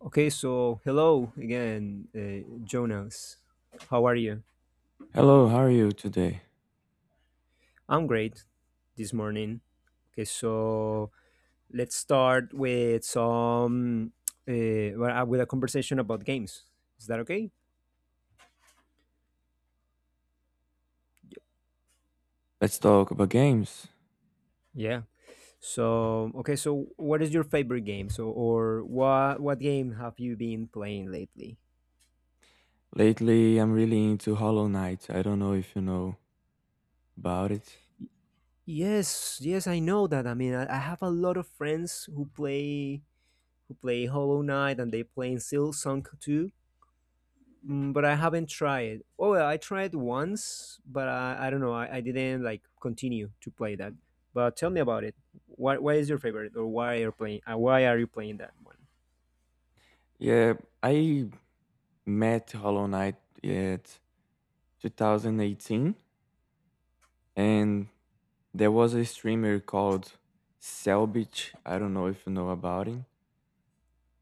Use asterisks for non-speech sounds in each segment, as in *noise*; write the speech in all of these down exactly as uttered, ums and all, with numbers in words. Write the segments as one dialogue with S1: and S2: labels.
S1: Okay, so hello again, uh, Jonas. How are you?
S2: Hello, how are you today?
S1: I'm great this morning. Okay, so let's start with some uh, well, uh, with a conversation about games. Is that okay?
S2: Let's talk about games.
S1: Yeah. So okay, so what is your favorite game? So or what what game have you been playing lately?
S2: Lately, I'm really into Hollow Knight. I don't know if you know about it.
S1: Yes, yes, I know that. I mean, I, I have a lot of friends who play who play Hollow Knight and they play Silksong too. Mm, but I haven't tried. Oh, well, I tried once, but I, I don't know. I, I didn't like continue to play that. But tell me about it. What what is your favorite, or why are you playing? Uh, why are you playing that one?
S2: Yeah, I met Hollow Knight yeah, at twenty eighteen, and there was a streamer called Selbit. I don't know if you know about him,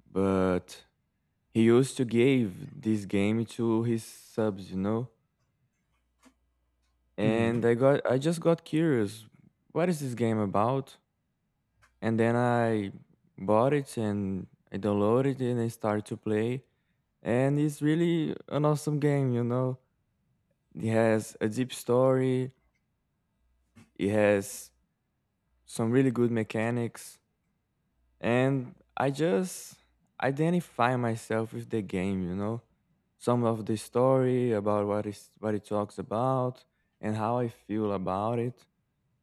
S2: but he used to give this game to his subs, you know. And
S1: Hmm.
S2: I got, I just got curious. What is this game about? And then I bought it and I downloaded it and I started to play. And it's really an awesome game, you know. It has a deep story, it has some really good mechanics, and I just identify myself with the game, you know. Some of the story about what is what it talks about and how I feel about it.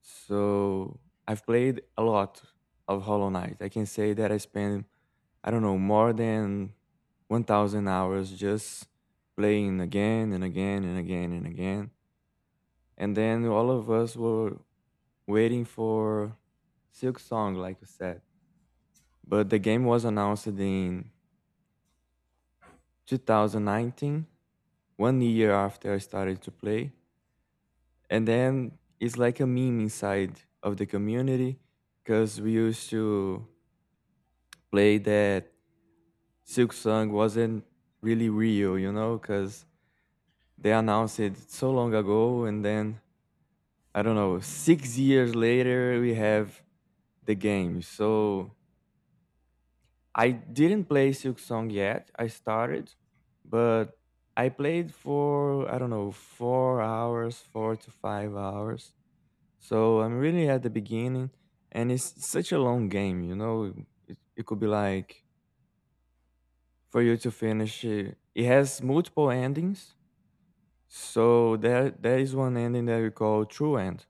S2: So I've played a lot of Hollow Knight. I can say that I spent, I don't know, more than one thousand hours just playing again and again and again and again. And then all of us were waiting for Silk Song, like you said. But the game was announced in two thousand nineteen, one year after I started to play. And then it's like a meme inside of the community because we used to play that Silk Song wasn't really real, you know, because they announced it so long ago, and then, I don't know, six years later we have the game. So I didn't play Silk Song yet. I started, but I played for, I don't know, four hours, four to five hours. So I'm really at the beginning, and it's such a long game. You know, it, it could be like for you to finish. It, it has multiple endings. So there, there is one ending that we call True End,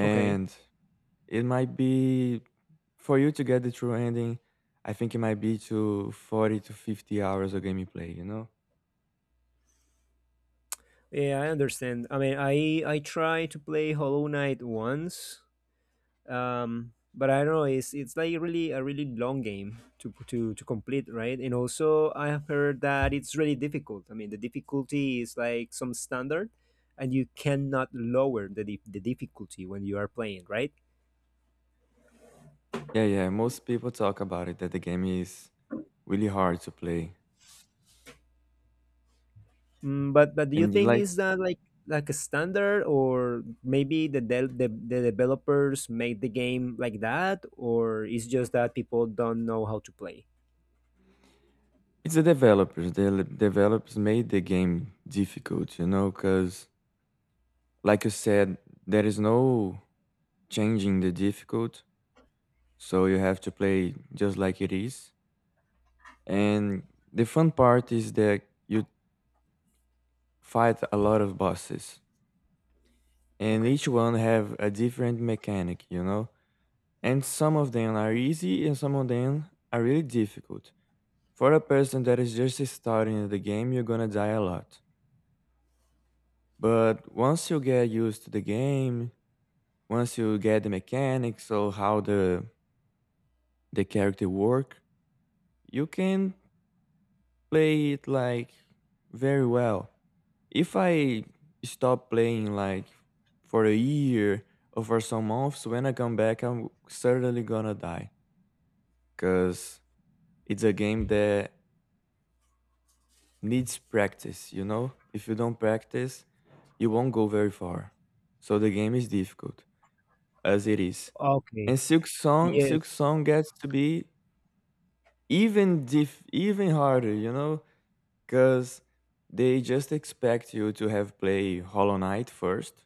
S1: Okay.
S2: it might be for you to get the true ending. I think it might be to forty to fifty hours of gameplay, you know?
S1: Yeah, I understand. I mean, I I tried to play Hollow Knight once, um but I don't know, it's it's like really a really long game to to to complete, right? And also I have heard that it's really difficult. I mean, the difficulty is like some standard, and you cannot lower the dif- the difficulty when you are playing, right?
S2: Yeah, yeah. Most people talk about it that the game is really hard to play.
S1: mm, but but do you
S2: And you
S1: think
S2: like
S1: is that like like a standard, or maybe the, del the the developers made the game like that, or it's just that people don't know how to play?
S2: it's the developers. The l- developers made the game difficult, you know, because like you said, there is no changing the difficult. So you have to play just like it is. And the fun part is that you fight a lot of bosses, and
S1: Okay.
S2: each one have a different mechanic, you know? And some of them are easy and some of them are really difficult. For a person that is just starting the game, you're gonna die a lot. But once you get used to the game, once you get the mechanics or how the the character work, you can play it like very well. If I stop playing like for a year or for some months, when I come back, I'm certainly gonna die, because it's a game that needs practice, you know? If you don't practice, you won't go very far. So the game is difficult as it is.
S1: Okay.
S2: And Silk Song, Silk
S1: Yes.
S2: Song gets to be even diff, even harder, you know, because they just expect you to have play Hollow Knight first.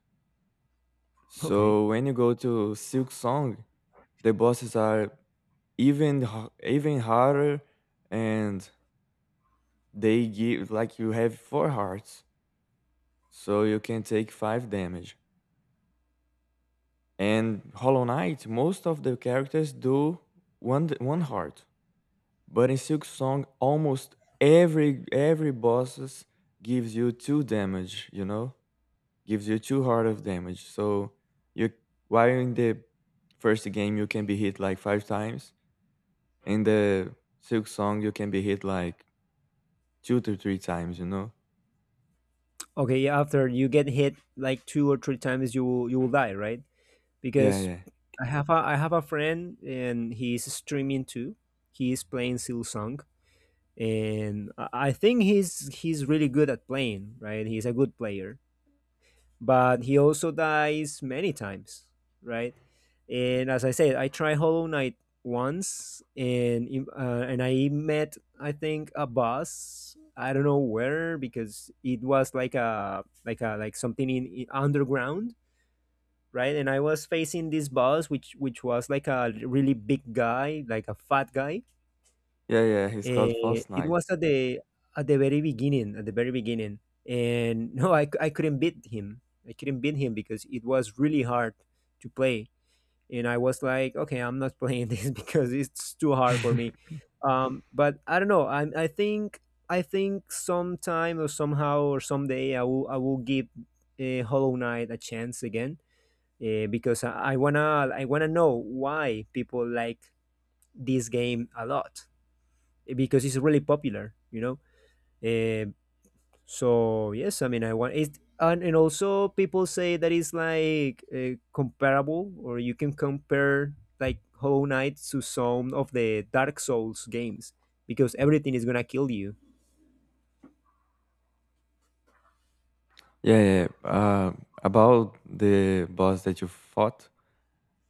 S1: Okay.
S2: So when you go to Silk Song, the bosses are even h- even harder, and they give like you have four hearts, so you can take five damage. And Hollow Knight, most of the characters do one d- one heart, but in Silk Song, almost every every bosses gives you two damage. You know, gives you two heart of damage. So you, while in the first game you can be hit like five times, in the Silk Song you can be hit like two to three times. You know?
S1: Okay, yeah, after you get hit like two or three times, you will you will die, right?
S2: Yeah,
S1: Because
S2: yeah,
S1: I have a I have a friend and he's streaming too. He is playing Silsong, and I I think he's he's really good at playing, right? He's a good player but he also dies many times, right? And as I said, I tried Hollow Knight once, and uh, and I met, I think, a boss. I don't know where because it was like a like a like something in, in underground, right? And I was facing this boss, which which was like a really big guy, like a fat guy.
S2: yeah, yeah. He's called
S1: Eh,
S2: False
S1: it
S2: Knight.
S1: was at the at the very beginning, at the very beginning, and *laughs* no, I, c- I couldn't beat him. I couldn't beat him because it was really hard to play, and I was like, okay, I'm not playing *laughs* this because it's too hard for me.
S2: *laughs*
S1: Um, but I don't know. I I think I think sometime or somehow or someday I will I will give uh, Hollow Knight a chance again uh, because I, I wanna I wanna know why people like this game a lot because it's really popular, you know. Um, so yes, I mean, I want it, and, and also people say that it's like uh, comparable, or you can compare like Hollow Knight to some of the Dark Souls games because everything is gonna kill you.
S2: Yeah, yeah, yeah. Uh, about the boss that you fought,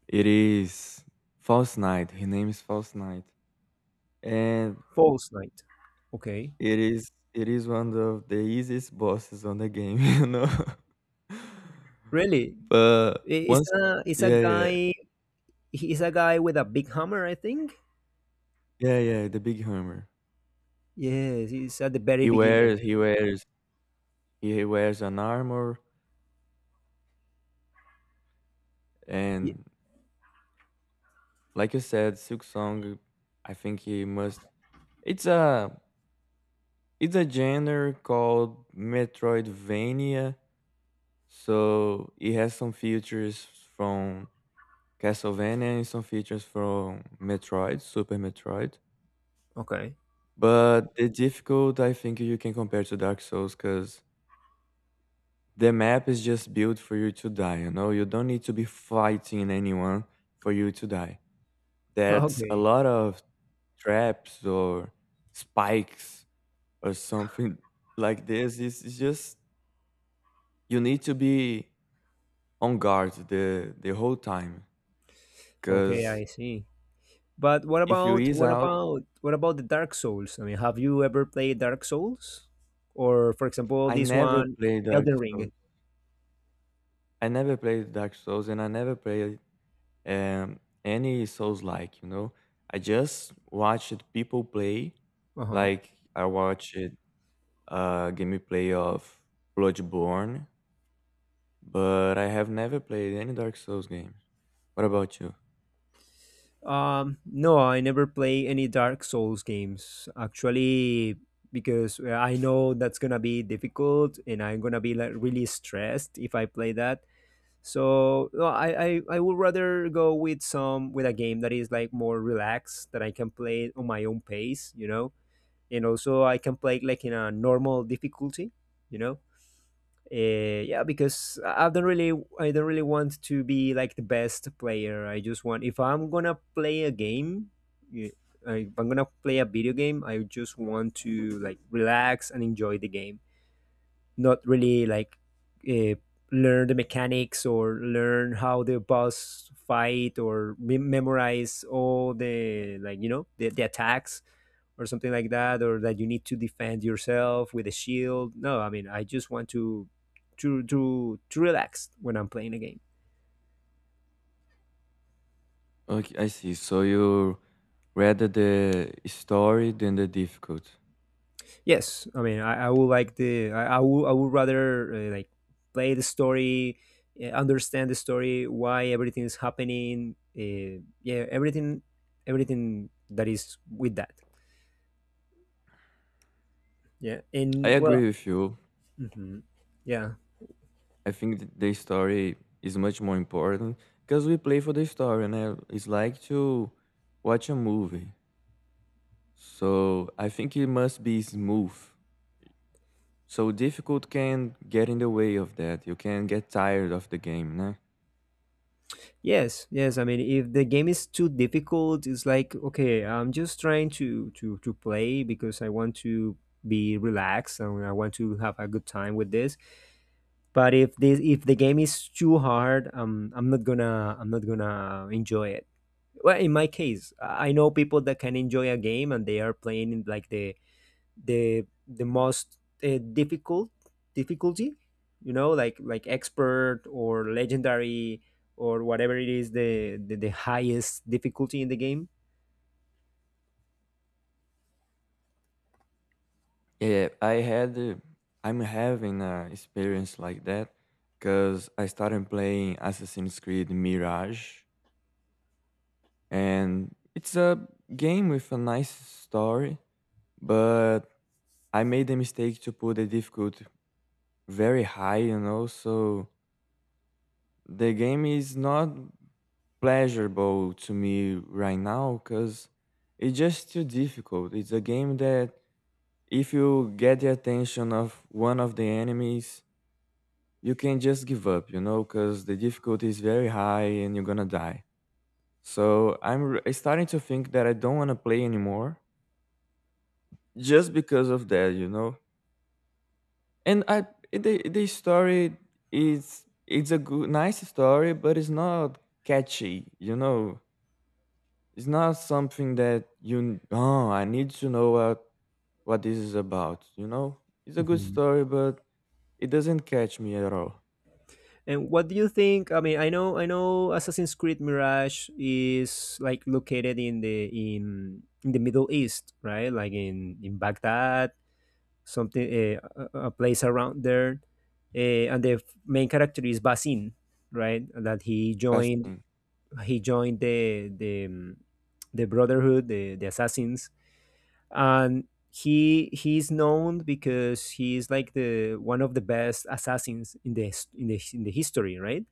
S2: it is False Knight. His name is False Knight, and
S1: False Knight, okay,
S2: it is it is one of the easiest bosses on the game, *laughs* you know.
S1: really?
S2: But
S1: I- It's
S2: once,
S1: a it's a
S2: yeah, yeah,
S1: guy. He's a guy with a big hammer, I think.
S2: yeah, yeah. The big hammer.
S1: Yes, he's at the very
S2: He
S1: beginning.
S2: wears he wears he wears an armor,
S1: Ye-
S2: and like you said, Silk Song. I think he must. It's a It's a genre called Metroidvania, so it has some features from Castlevania and some features from Metroid, Super Metroid.
S1: Okay,
S2: But the difficult, I think you can compare to Dark Souls because the map is just built for you to die, you know? You don't need to be fighting anyone for you to die.
S1: *laughs*
S2: That's a
S1: okay,
S2: lot of traps or spikes or something *laughs* like this. It's, it's just you need to be on guard the the whole time.
S1: okay. I
S2: Because
S1: see. But what
S2: if you
S1: about
S2: ease
S1: what
S2: out,
S1: about what about the Dark Souls? I mean, have you ever played Dark Souls, or for example,
S2: I
S1: this
S2: never
S1: one,
S2: played Dark
S1: Elden
S2: Souls.
S1: Ring?
S2: I never played Dark Souls, and I never played um, any Souls like. You know, I just watched people play.
S1: Uh
S2: Like I watched a gameplay of Bloodborne, but I have never played any Dark Souls games. What about you?
S1: huh. Um, no, I never play any Dark Souls games, actually, because uh, I know that's gonna be difficult, and I'm gonna be like really stressed if I play that. So no, I, I I would rather go with some with a game that is like more relaxed that I can play on my own pace, you know and also I can play like in a normal difficulty, you know. Uh, yeah, because I don't really, I don't really want to be like the best player. I just want if I'm gonna play a game, y- I- if I'm gonna play a video game, I just want to like relax and enjoy the game, not really like uh, learn the mechanics or learn how the boss fight or me- memorize all the, like, you know, the, the attacks or something like that, or that you need to defend yourself with a shield. No, I mean, I just want to to to to relax when I'm playing a game.
S2: Okay, I see. So you rather the story than the difficult.
S1: Yes, I mean, I, I would like the, I, I would, I would rather uh, like play the story, uh, understand the story, why everything is happening, uh, yeah, everything, everything that is with that. Yeah,
S2: I
S1: and well,
S2: agree with you.
S1: mhm, yeah,
S2: I think th- the story is much more important because we play for the story, and it's like to watch a movie. So I think it must be smooth. So difficult can get in the way of that. You can get tired of the game, né?
S1: yes, yes. I mean, if the game is too difficult, it's like, okay, I'm just trying to to to play because I want to be relaxed, and I want to have a good time with this. But if this if the game is too hard, um, I'm not gonna I'm not gonna enjoy it. Well, in my case, I I know people that can enjoy a game and they are playing in, like, the the the most uh, difficult difficulty, you know, like like expert or legendary, or whatever it is the the, the highest difficulty in the game.
S2: Yeah, I had, uh, I'm having an experience like that because I started playing Assassin's Creed Mirage, and it's a game with a nice story, but I made the mistake to put the difficulty very high, you know, so the game is not pleasurable to me right now because it's just too difficult. It's a game that if you get the attention of one of the enemies, you can just give up, you know, because the difficulty is very high and you're gonna die. So I'm r- starting to think that I don't want to play anymore just because of that, you know? And I, the the story is, it's a good nice story, but it's not catchy. You know, it's not something that you, oh, I need to know what what this is about. You know, it's a good story, but it doesn't catch me at all.
S1: And what do you think? I mean, I know, I know, Assassin's Creed Mirage is like located in the in in the Middle East, right? Like in in Baghdad, something uh, a, a place around there, uh, and the f- main character is Basim, right? That he joined
S2: Bastin.
S1: he joined the the um, the Brotherhood, the the Assassins, and he he's known because he's like the one of the best assassins in the his- in the in the history, right?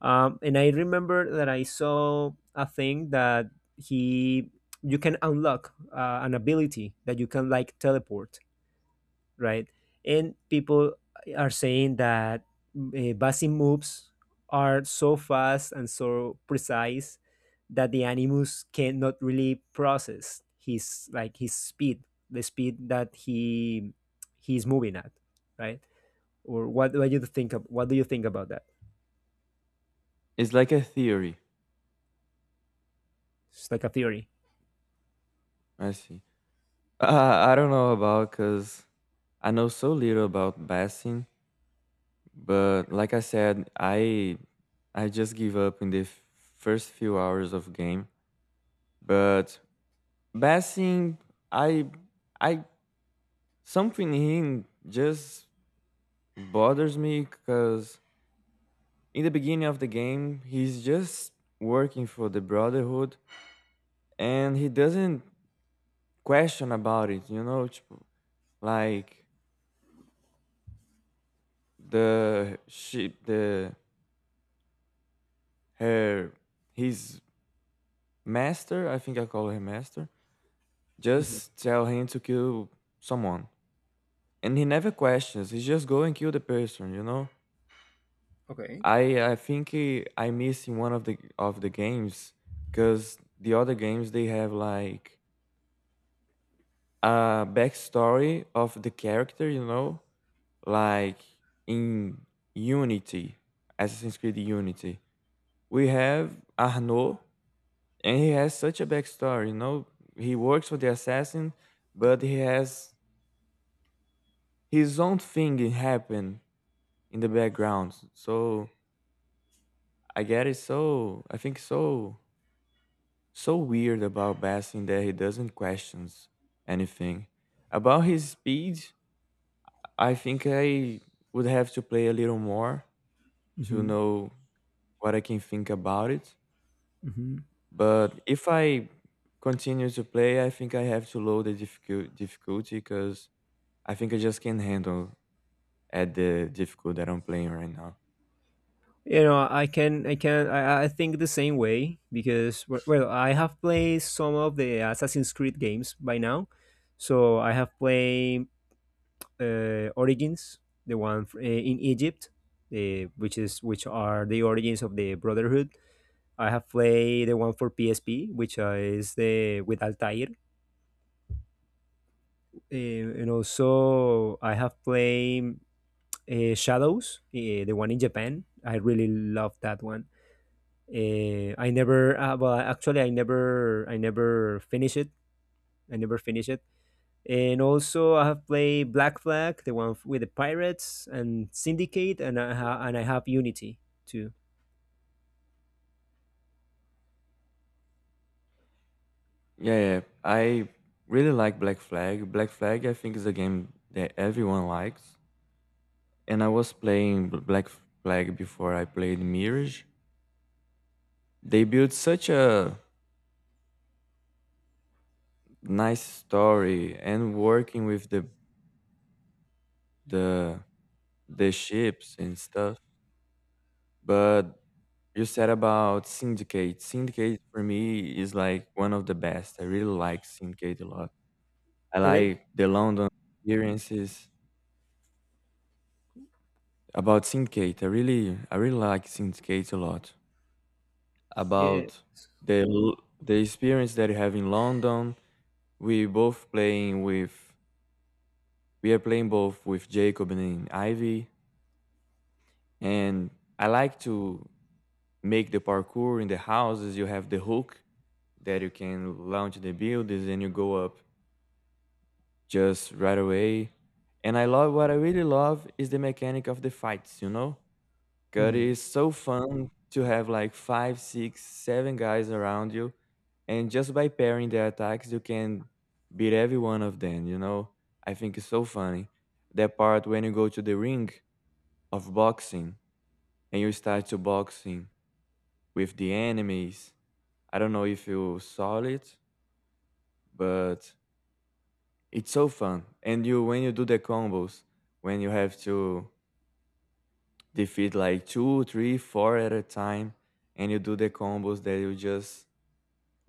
S1: Um, and I remember that I saw a thing that he you can unlock uh, an ability that you can, like, teleport, right? And people are saying that uh, Basim moves are so fast and so precise that the animus cannot really process his, like, his speed, the speed that he he's moving at, right? Or what, what do you think of what do you think about that?
S2: It's like a theory.
S1: It's like a theory.
S2: I see. *laughs* Uh, I don't know about, because I know so little about Bastin, but like I said, I I just give up in the f- first few hours of game. But Bassing, I, I, something in him just bothers me because in the beginning of the game, he's just working for the Brotherhood and he doesn't question about it, you know, tipo, like the she, the her, his master, I think I call him master,
S1: Mhm.
S2: just tell him to kill someone. And he never questions, he just go and kill the person, you know?
S1: Okay.
S2: I I think eh, I miss in one of the of the games because the other games they have like a backstory of the character, you know, like in Unity, Assassin's Creed Unity. We have Arnaud, and he has such a backstory. You know, he works for the assassin, but he has his own thing happen in the background. So I get it. So I think so so weird about Bassin that he doesn't question anything. About his speed, I think I would have to play a little more to
S1: Hmm.
S2: know what I can think about it.
S1: Hmm.
S2: But if I continue to play, I think I have to lower the difficult difficulty because I think I just can't handle at the difficulty that I'm playing right now.
S1: You know, I can, I can, I, I think the same way because w- well, I have played some of the Assassin's Creed games by now, so I have played uh, Origins, the one f- uh, in Egypt, uh, which is which are the origins of the Brotherhood. I have played the one for P S P, which uh, is the with Altair, uh, and also I have played uh, Shadows, uh, the one in Japan. I really love that one. Uh, I never, uh, well, actually, I never, I never finish it. I never finish it. And also, I have played Black Flag, the one with the pirates, and Syndicate, and I ha- and I have Unity too.
S2: Yeah, yeah. I really like Black Flag. Black Flag, I think, is a game that everyone likes. And I was playing Bl- Black Flag before I played Mirage. They built such a nice story and working with the the the ships and stuff. But you said about Syndicate. Syndicate for me is like one of the best. I really like Syndicate a lot. I
S1: Really?
S2: like the London experiences. About Syndicate, I really I really like Syndicate a lot.
S1: Yeah.
S2: About the l- the experience that you have in London, we both playing with we are playing both with Jacob and Ivy, and I like to make the parkour in the houses. You have the hook that you can launch the buildings and you go up just right away. And I love what I really love is the mechanic of the fights. You know, 'cause
S1: Mhm.
S2: it's so fun to have like five, six, seven guys around you, and just by pairing their attacks, you can beat every one of them, you know? I think it's so funny. That part when you go to the ring of boxing and you start to boxing with the enemies. I don't know if you saw it, but it's so fun. And you when you do the combos, when you have to, they feed like two, three, four at a time, and you do the combos that you just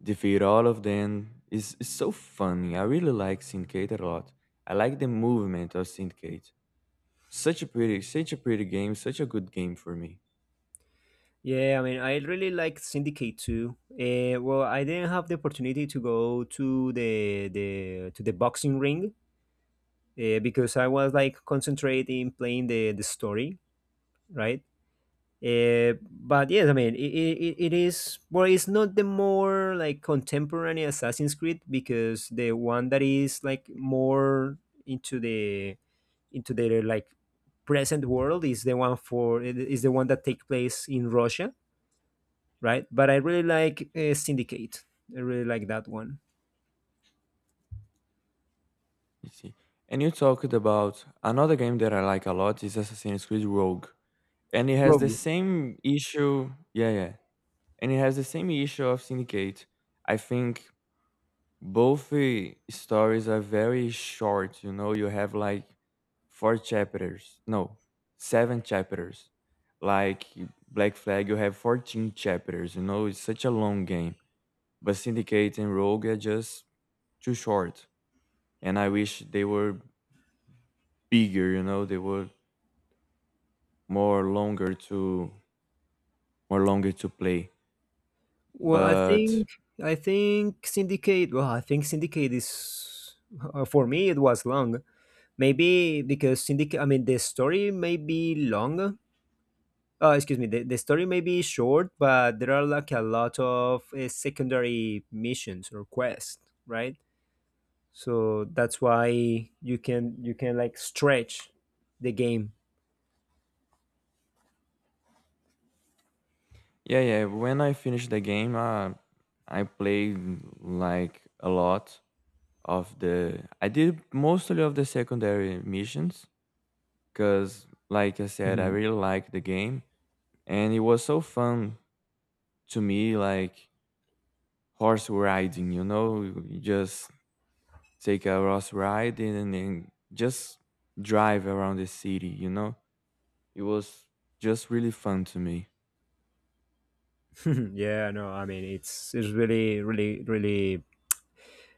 S2: defeat all of them. It's, it's so funny. I really like Syndicate a lot. I like the movement of Syndicate. Such a pretty, such a pretty game. Such a good game for me.
S1: Yeah, I mean, I really like Syndicate too. Uh, well, I didn't have the opportunity to go to the the to the boxing ring uh, because I was like concentrating playing the the story, right? Uh, but yes, I mean, it, it, it is, well, it's not the more, like, contemporary Assassin's Creed because the one that is, like, more into the, into the, like, present world is the one for, is the one that take place in Russia, right? But I really like uh, Syndicate. I really like that one.
S2: You see. And you talked about another game that I like a lot is Assassin's Creed Rogue. And it has the
S1: Rogue.
S2: same issue. Yeah, yeah. And it has the same issue of Syndicate. I think both uh, stories are very short, you know, you have like four chapters. No, seven chapters. Like Black Flag, you have fourteen chapters, you know, it's such a long game. But Syndicate and Rogue are just too short. And I wish they were bigger, you know, they were more longer to more longer to play.
S1: Well, I
S2: But
S1: think, I think Syndicate, well, I think Syndicate is, uh, for me, it was long. Maybe because Syndicate, I mean, the story may be long. Oh, excuse me, the, the story may be short, but there are like a lot of uh, secondary missions or quests, right? So that's why you can you can like stretch the game.
S2: yeah, yeah, when I finished the game, uh, I played like a lot of the I did mostly of the secondary missions because like I said, I
S1: Mhm.
S2: really liked the game, and it was so fun to me. Like horse riding, you know, you just take a horse ride and then just drive around the city, you know. It was just really fun to me.
S1: *laughs* Yeah, no, I mean, it's it's really, really, really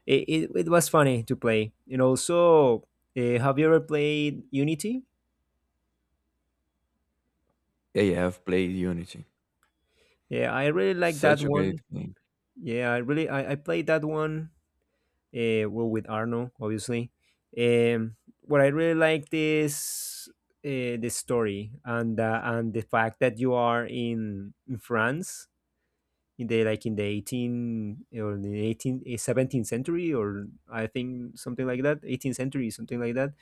S1: it, it, it was funny to play. And also, uh, have you ever played Unity?
S2: Yeah, yeah, I've played Unity.
S1: Yeah, I really like that
S2: Such a
S1: one.
S2: great game.
S1: Yeah, I really I, I played that one uh, well, with Arno, obviously. Um, what I really liked is uh, the story and uh, and the fact that you are in in France in the, like, in the eighteen or the eighteen eh, seventeenth century, or I think something like that, eighteenth century, something like that.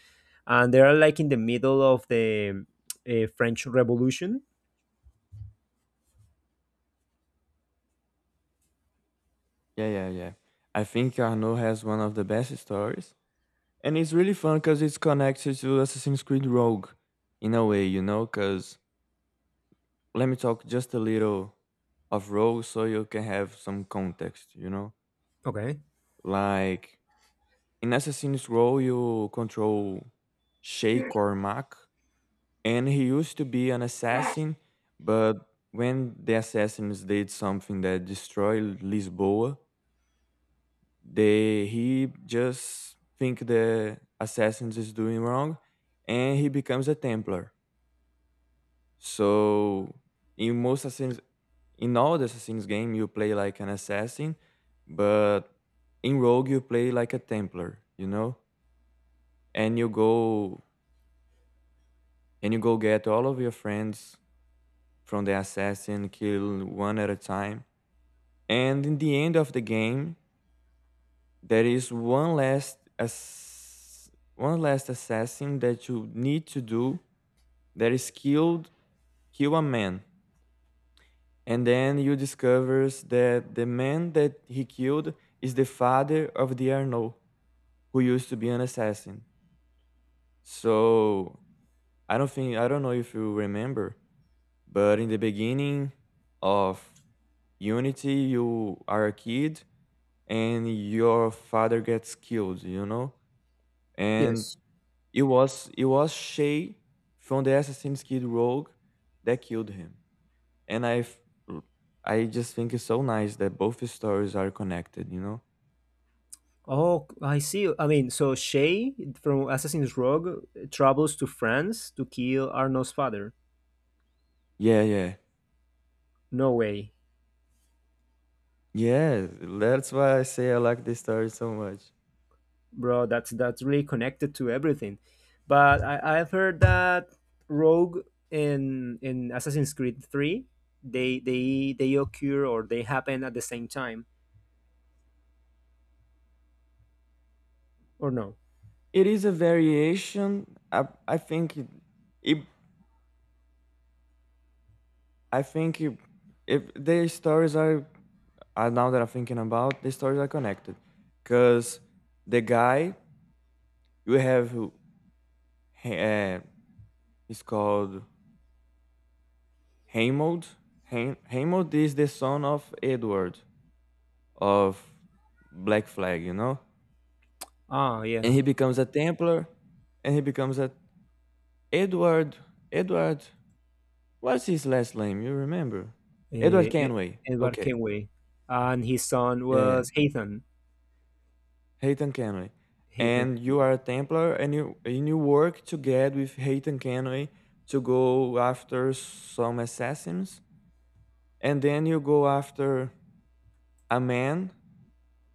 S1: And they are like in the middle of the uh, French Revolution.
S2: Yeah, yeah, yeah, I think Arno has one of the best stories. And it's really fun because it's connected to Assassin's Creed Rogue in a way, you know? Because let me talk just a little of Rogue so you can have some context, you know?
S1: Okay.
S2: Like, in Assassin's Rogue, you control Shay Cormac, and he used to be an assassin, but when the assassins did something that destroyed Lisboa, they he just think the assassins is doing wrong, and he becomes a Templar. So in most assassins, in all the assassins game, you play like an assassin, but in Rogue you play like a Templar, you know, and you go and you go get all of your friends from the assassin, kill one at a time, and in the end of the game, there is one last ass- one last assassin that you need to do that is killed Kill a man. And then you discovers that the man that he killed is the father of the Arnaud, who used to be an assassin. So I don't think I don't know if you remember, but in the beginning of Unity, you are a kid and your father gets killed, you know? And
S1: Yes.
S2: it was it was Shay from the Assassin's Kid Rogue that killed him. And i f- I just think it's so nice that both the stories are connected, you know.
S1: Oh, I see. I mean, so Shay from Assassin's Rogue travels to France to kill Arno's father.
S2: Yeah, yeah,
S1: No way,
S2: yeah, that's why I say I like this story so much.
S1: bro. That's that's really connected to everything. But I, I've heard that Rogue in in Assassin's Creed Three, they they they occur, or they happen at the same time, or no?
S2: It is a variation. I i think it, it. I think it, if the stories are, uh, now that I'm thinking about, the stories are connected because the guy you have who, uh, he's called Heimold. Heim- Heimold is the son of Edward of Black Flag, you know?
S1: Ah,
S2: And
S1: yeah.
S2: he becomes a Templar and he becomes a Edward Edward what's his last name? You remember? Edward
S1: Eh, E-
S2: Kenway.
S1: Edward
S2: Okay.
S1: Kenway and his son
S2: Yeah, yeah.
S1: was Ethan.
S2: Hayton Kenway.
S1: Ethan.
S2: And you
S1: Kenway.
S2: are a Templar, and you and you work together with Hayton Kenway to go after some assassins. And then you go after a man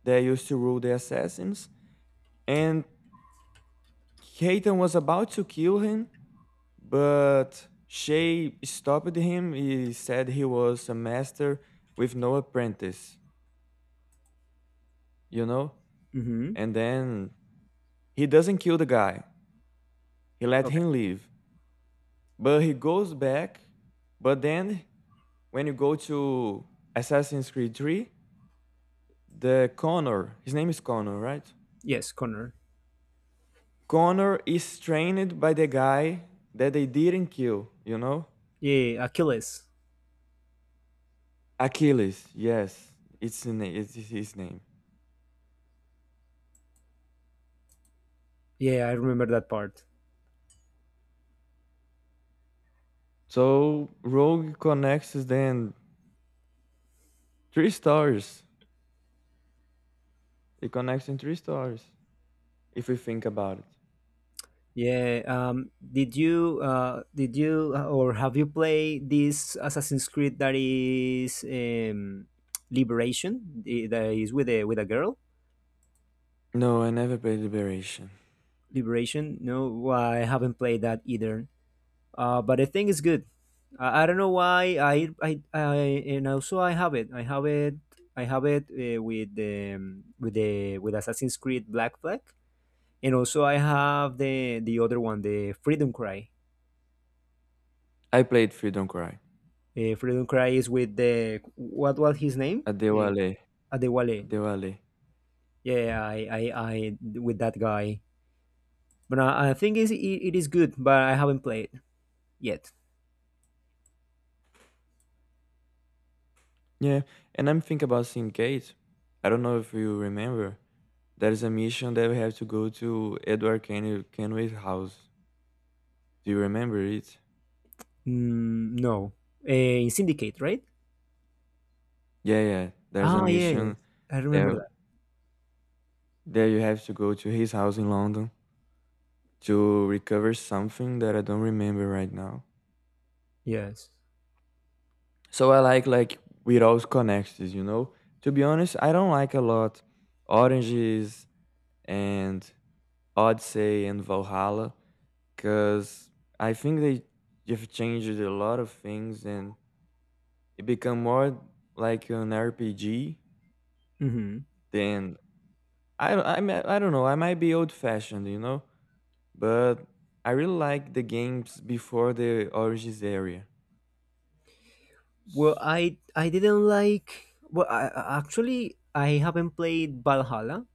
S2: that used to rule the assassins. And Hayton was about to kill him, but Shay stopped him. He said he was a master with no apprentice, you know?
S1: Mm-hmm.
S2: And then he doesn't kill the guy, he let
S1: Okay.
S2: him leave. But he goes back. But then when you go to Assassin's Creed three, the Connor, his name is Connor, right?
S1: Yes, Connor.
S2: Connor is trained by the guy that they didn't kill, you know?
S1: Yeah, yeah, yeah. Achilles.
S2: Achilles, yes, it's, his na- it's his name.
S1: Yeah, I remember that part.
S2: So Rogue connects then three stars. It connects in three stars, if we think about it.
S1: Yeah. Um, did you uh, did you uh, or have you played this Assassin's Creed that is, um, Liberation? i- That is with a with a girl.
S2: No, I never played Liberation.
S1: Liberation. No, well, I haven't played that either. Uh, but I think it's good. I, I don't know why I, I I and also I have it. I have it. I have it uh, with the um, with the with Assassin's Creed Black Flag, and also I have the the other one, the Freedom Cry.
S2: I played Freedom Cry.
S1: Uh, Freedom Cry is with the, what was his name? Uh,
S2: Adewale.
S1: Adewale.
S2: Adewale.
S1: Yeah, I, I, I with that guy. But I, I think it's, it, it is good, but I haven't played yet.
S2: Yeah, and I'm thinking about Syndicate. I don't know if you remember. There is a mission that we have to go to Edward Ken- Kenway's house. Do you remember it?
S1: Mm, no, uh, in Syndicate, right?
S2: Yeah, yeah. There's a
S1: Ah, yes,
S2: mission
S1: I remember
S2: there.
S1: that.
S2: There you have to go to his house in London to recover something that I don't remember right now.
S1: Yes.
S2: So I like like without connections, you know. To be honest, I don't like a lot Oranges and Odyssey and Valhalla because I think they have changed a lot of things and it become more like an R P G.
S1: Hmm.
S2: Then I don't- I mi- I don't know. I might be old fashioned, you know, but I really like the games before the Origins area.
S1: Well,
S2: S-
S1: I I didn't like. Well, I, I- actually, I haven't played Valhalla,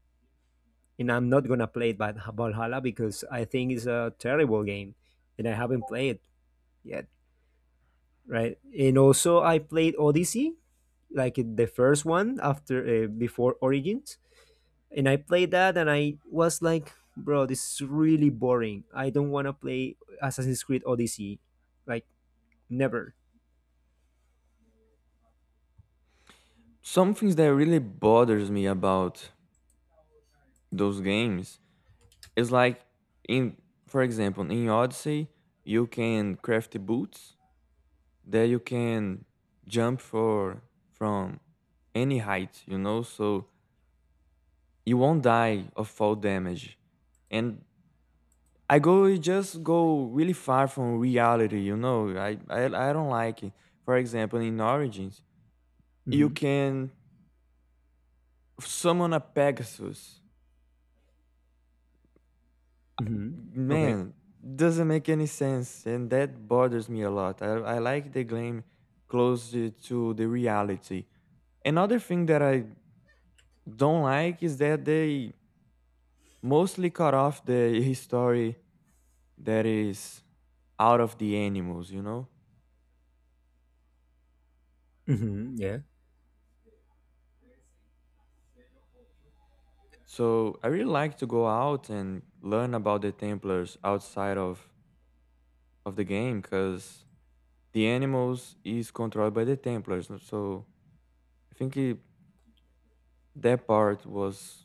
S1: and I'm not gonna play Val- Valhalla because I think it's a terrible game, and I haven't played yet. Right? And also I played Odyssey, like the first one after uh, before Origins, and I played that and I was like, bro, this is really boring. I don't want to play Assassin's Creed Odyssey, like, never.
S2: Some things that really bothers me about those games, it's like in, for example, in Odyssey, you can craft boots that you can jump for from any height, you know, so you won't die of fall damage. And I go it just go really far from reality, you know. I I, I don't like it. For example, in Origins, you
S1: Mm-hmm.
S2: can summon a Pegasus,
S1: Mm-hmm. Okay.
S2: man, doesn't make any sense, and that bothers me a lot. i, I like the game close to the reality. Another thing that I don't like is that they mostly cut off the history that is out of the animals, you know.
S1: Mm-hmm. Yeah.
S2: So I really like to go out and learn about the templars outside of of the game, because the animals is controlled by the templars. N- so I think it, that part was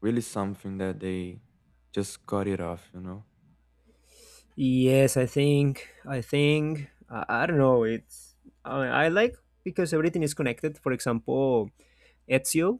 S2: really something that they just cut it off, you know?
S1: Yes, I think I think I, I don't know. It's I, I like because everything is connected. For example, Ezio